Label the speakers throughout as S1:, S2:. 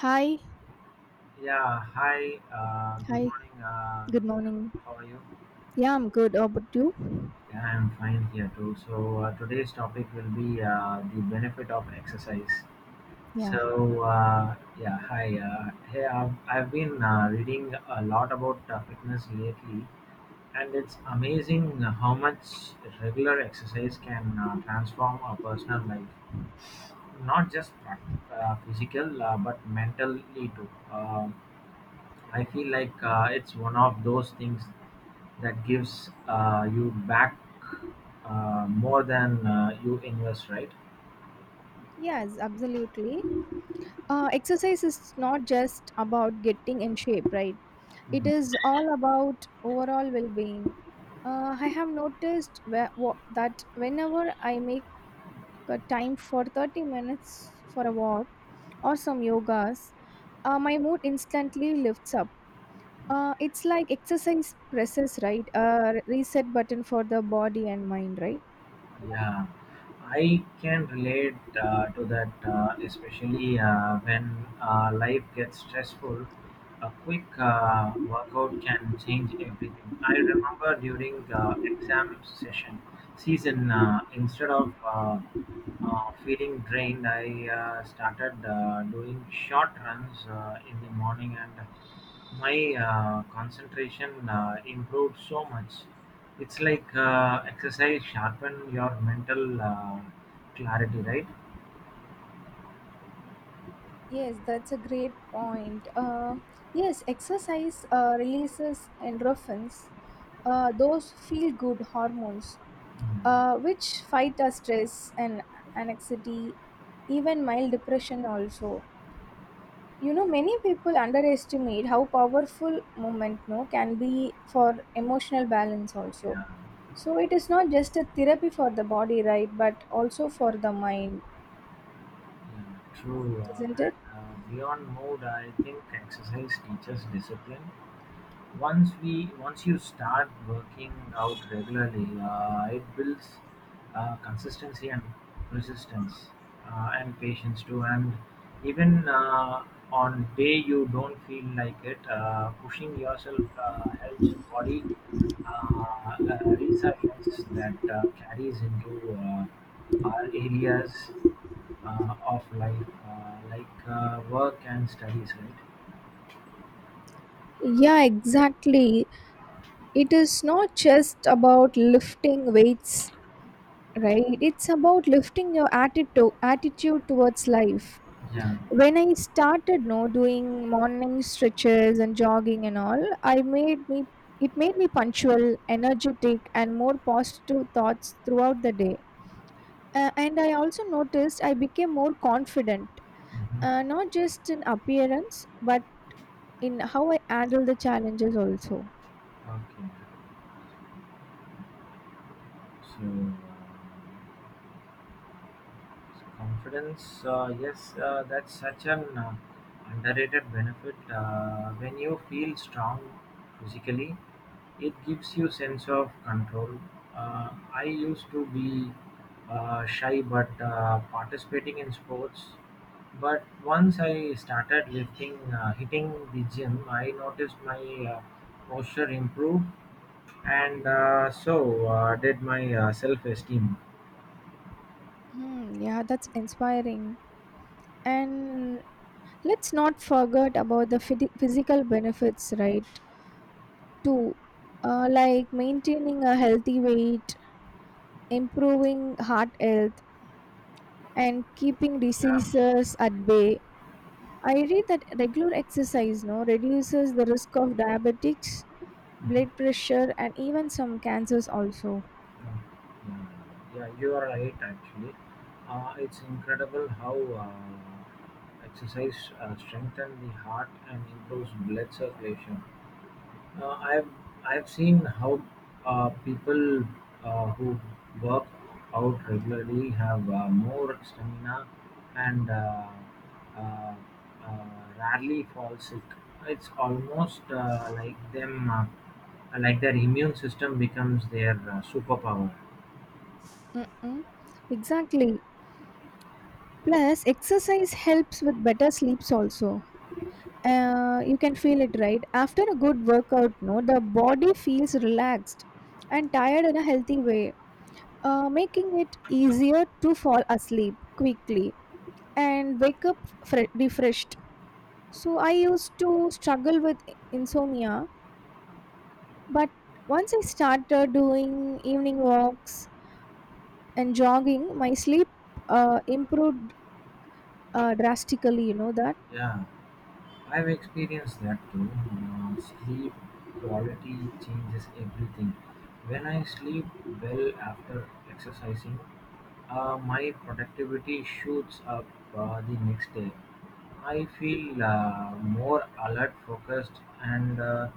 S1: Hi,
S2: Yeah, hi, good
S1: hi,
S2: morning.
S1: good morning.
S2: How are you?
S1: Yeah, I'm good. How about you?
S2: Yeah, I'm fine here too. So, today's topic will be the benefit of exercise.
S1: Yeah.
S2: So, yeah, hi. Hey, I've been reading a lot about fitness lately, and it's amazing how much regular exercise can transform a personal life, not just physical, but mentally too. I feel like it's one of those things that gives you back more than you invest, right?
S1: Yes, absolutely. Exercise is not just about getting in shape, right? It
S2: Mm,
S1: is all about overall well being. I have noticed that whenever I make a time for 30 minutes for a walk or some yogas, my mood instantly lifts up. It's like exercise presses, right? A reset button for the body and mind, right?
S2: yeah, I can relate to that, especially when life gets stressful. A quick workout can change everything. I remember during the exam session season, instead of feeling drained, I started doing short runs in the morning, and my concentration improved so much. It's like exercise sharpen your mental clarity, right?
S1: Yes, that's a great point. Yes, exercise releases endorphins, those feel good hormones,
S2: Mm,
S1: which fight our stress and anxiety, even mild depression, also. You know, many people underestimate how powerful movement no, can be for emotional balance, also.
S2: yeah.
S1: So, it is not just a therapy for the body, right, but also for the mind,
S2: Yeah, true.
S1: isn't it?
S2: Beyond mood, I think exercise teaches discipline once you start working out regularly, it builds consistency and persistence and patience too. And even on day you don't feel like it, pushing yourself helps body resilience that carries into our areas of life, like work and studies, right?
S1: Yeah, exactly. It is not just about lifting weights, right, it's about lifting your attitude towards life.
S2: Yeah.
S1: When I started no doing morning stretches and jogging and all, I made me it made me punctual, energetic, and more positive thoughts throughout the day. And I also noticed I became more confident,
S2: Hmm.
S1: not just in appearance, but in how I handle the challenges also.
S2: Okay. So, uh, so confidence, yes, that's such an underrated benefit. When you feel strong physically, it gives you sense of control. I used to be shy, but participating in sports. But once I started lifting, hitting the gym, I noticed my uh, posture improved, and so did my self-esteem.
S1: Hmm, yeah, that's inspiring. And let's not forget about the physical benefits, right? Too, like maintaining a healthy weight, improving heart health, and keeping
S2: Yeah.
S1: diseases at bay. I read that regular exercise no reduces the risk of diabetics, blood
S2: Mhm.
S1: pressure, and even some cancers also.
S2: Yeah, yeah, yeah, you are right actually. It's incredible how uh, exercise strengthens the heart and improves blood circulation. Uh, I've I've seen how people who work out regularly have more stamina and uh, uh, rarely fall sick. It's almost like their immune system becomes their superpower.
S1: Mm-mm. Exactly. Plus, exercise helps with better sleeps also. You can feel it right after a good workout no, the body feels relaxed and tired in a healthy way, making it easier to fall asleep quickly and wake up refreshed. So I used to struggle with insomnia, but once I started doing evening walks and jogging, my sleep improved drastically, you know that?
S2: Yeah. I've experienced that too. Sleep quality changes everything. When I sleep well after exercising, my productivity shoots up the next day. I feel more alert, focused, and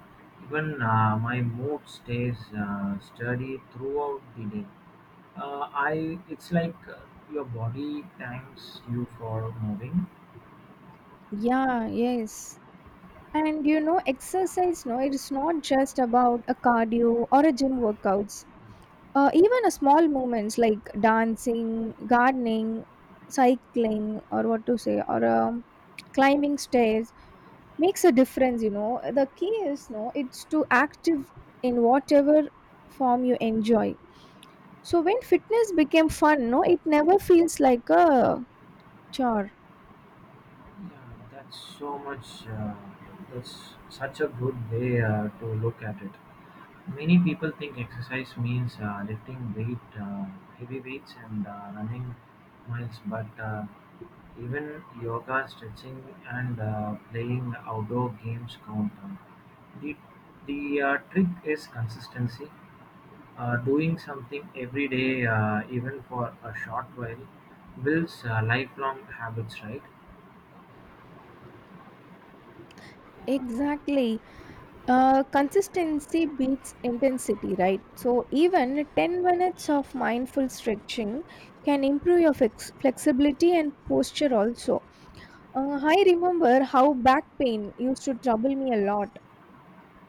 S2: even my mood stays steady throughout the day. I it's like your body thanks you for moving.
S1: Yeah, yes. And you know, exercise, no, it is not just about a cardio or a gym workouts. Even a small movements like dancing, gardening, cycling, or what to say, or climbing stairs makes a difference. You know, the key is no, it's to active in whatever form you enjoy. So when fitness became fun, no, it never feels like a chore.
S2: Yeah, that's so much. That's such a good way to look at it. Many people think exercise means lifting weight, heavy weights, and running miles, but even yoga, stretching, and playing outdoor games count. The the trick is consistency. Doing something every day, even for a short while, builds lifelong habits. Right.
S1: Exactly. Consistency beats intensity, right? So, even 10 minutes of mindful stretching can improve your flexibility and posture also. I remember how back pain used to trouble me a lot,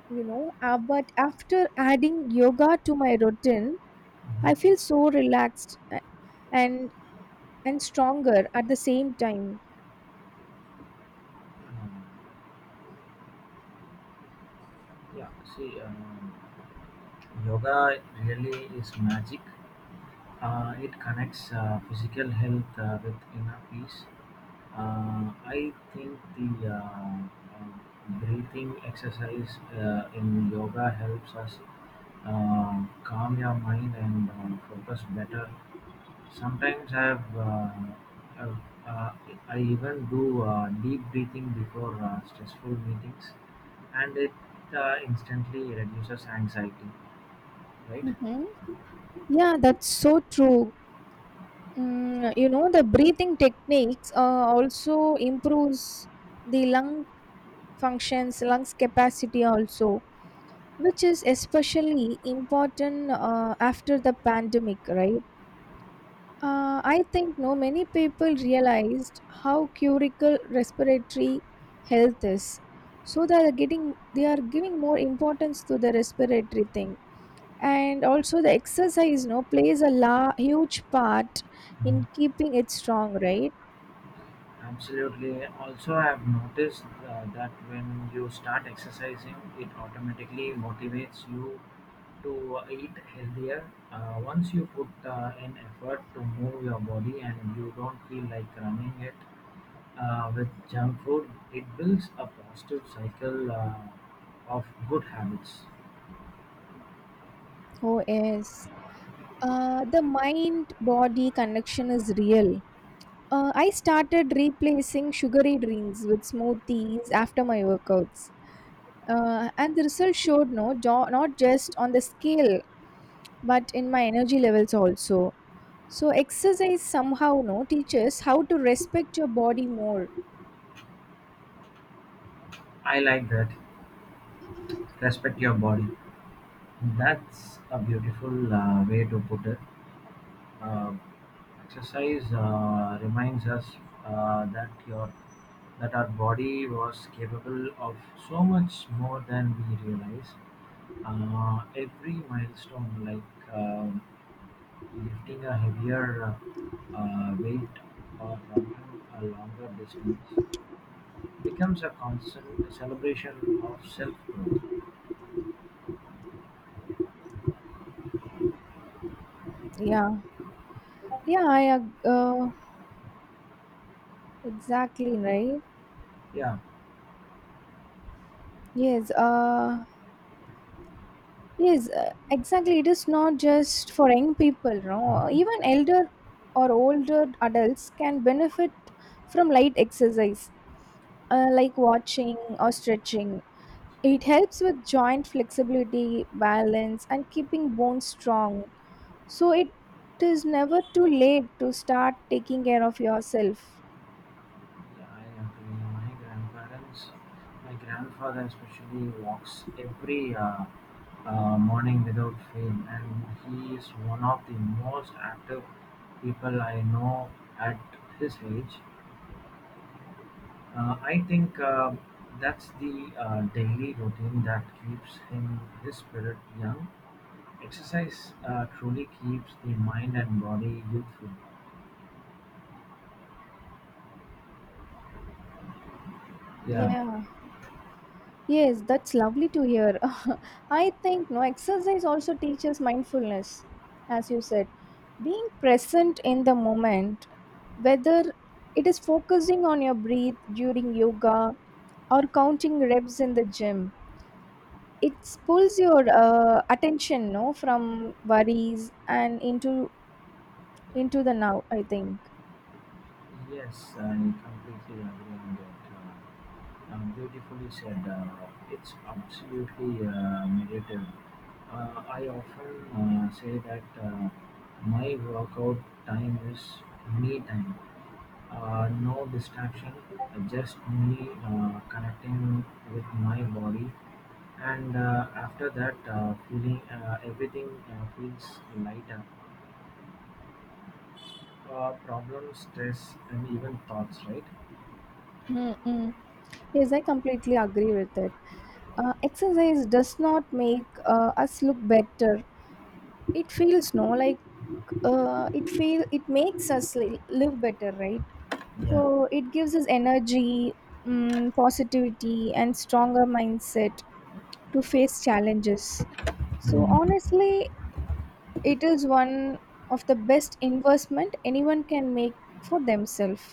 S1: you know, but after adding yoga to my routine, I feel so relaxed and and stronger at the same time.
S2: Mhm. Yeah, see, yoga really is magic. It connects physical health with inner peace. I think the breathing exercise in yoga helps us calm your mind and focus better. Sometimes I've uh, I even do deep breathing before stressful meetings, and it instantly reduces anxiety, right?
S1: Hmm. Yeah, that's so true. Mm, you know, the breathing techniques also improves the lung functions, lungs capacity also, which is especially important after the pandemic, right? I think no many people realized how critical respiratory health is, so they are giving more importance to the respiratory thing, and also the exercise no plays a huge part in keeping it strong, right?
S2: Absolutely. Also, I've noticed that when you start exercising, it automatically motivates you to eat healthier. Once you put in effort to move your body and you don't feel like running it with junk food, it builds a positive cycle of good habits.
S1: Oh yes, the mind body connection is real. I started replacing sugary drinks with smoothies after my workouts. And the result showed no, not just on the scale, but in my energy levels also. So exercise somehow no teaches how to respect your body more.
S2: I like that. Respect your body. That's a beautiful way to put it. Uh, exercise reminds us uh, that your that our body was capable of so much more than we realize. Every milestone, like lifting a heavier weight or running a longer distance, becomes a constant celebration of self growth.
S1: Yeah, yeah, exactly right.
S2: Yeah.
S1: Yes, yes, exactly. It is not just for young people, no. Even
S2: Hmm.
S1: elder or older adults can benefit from light exercise, like watching or stretching. It helps with joint flexibility, balance, and keeping bones strong. So it is never too late to start taking care of yourself.
S2: Yeah, I agree. My grandfather especially walks every morning without fail, and he is one of the most active people I know at his age. I think that's the daily routine that keeps him his spirit young. Exercise truly keeps the mind and body youthful. Yeah,
S1: Yeah. Yes, that's lovely to hear. I think no exercise also teaches mindfulness, as you said. Being present in the moment, whether it is focusing on your breath during yoga or counting reps in the gym. It pulls your attention no from worries and into the now, I think.
S2: yes, I completely agree on that. Uh, beautifully said. It's absolutely meditative. I often say that my workout time is me time. No distraction, just me connecting with my body. And after that, feeling everything feels lighter. Problems, stress, and even thoughts, right?
S1: Mm-mm. Yes, I completely agree with it. Exercise does not make us look better, it feels no like it feel it makes us live better, right?
S2: Yeah.
S1: So it gives us energy, positivity, and stronger mindset to face challenges. So
S2: Hmm.
S1: honestly, it is one of the best investment anyone can make for themselves.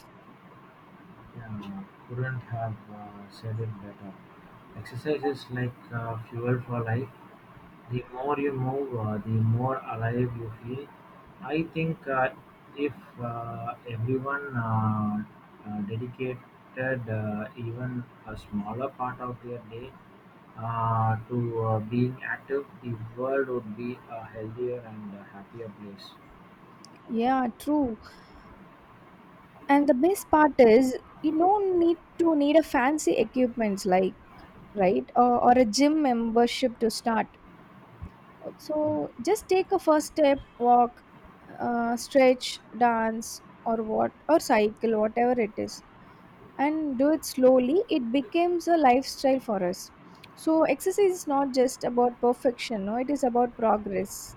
S2: Yeah. Couldn't have said it better. Exercise is like fuel for life. The more you move, the more alive you feel. I think if everyone dedicated even a smaller part of their day to being active, the world would be a healthier and a happier place.
S1: Yeah, true. And the best part is you don't need a fancy equipments like right, or a gym membership to start. So just take a first step, walk, stretch, dance, or what, or cycle, whatever it is. And do it slowly, it becomes a lifestyle for us. So, exercise is not just about perfection, no, it is about progress.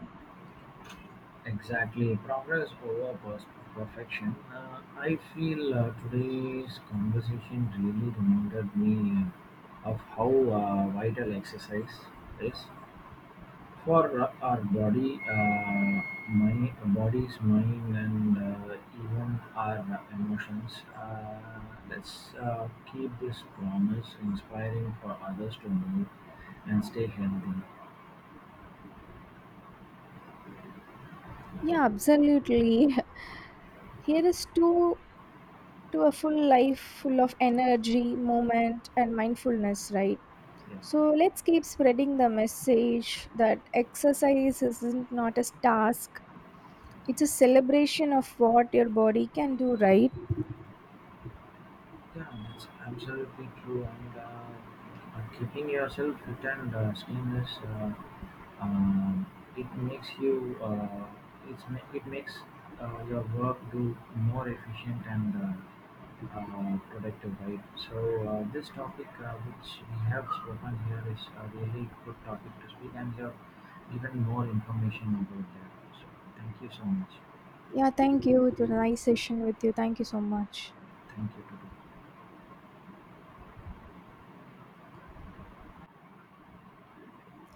S2: Exactly, progress over perfection. I feel today's conversation really reminded me of how vital exercise is for our body, my body's mind, and even our emotions. Let's keep this promise inspiring for others to move and stay healthy.
S1: Yeah, absolutely. Here is to a full life full of energy, moment, and mindfulness, right? So let's keep spreading the message that exercise isn't not a task. It's a celebration of what your body can do, right?
S2: Yeah, that's absolutely true. And keeping yourself fit and skinless, um it makes you. It makes your work do more efficient and productive, right? So this topic which we have spoken here is a really good topic to speak, and you have given more information about that. So thank you so much.
S1: Yeah, thank you. It was a nice session with you. Thank you so much.
S2: Thank you. Today.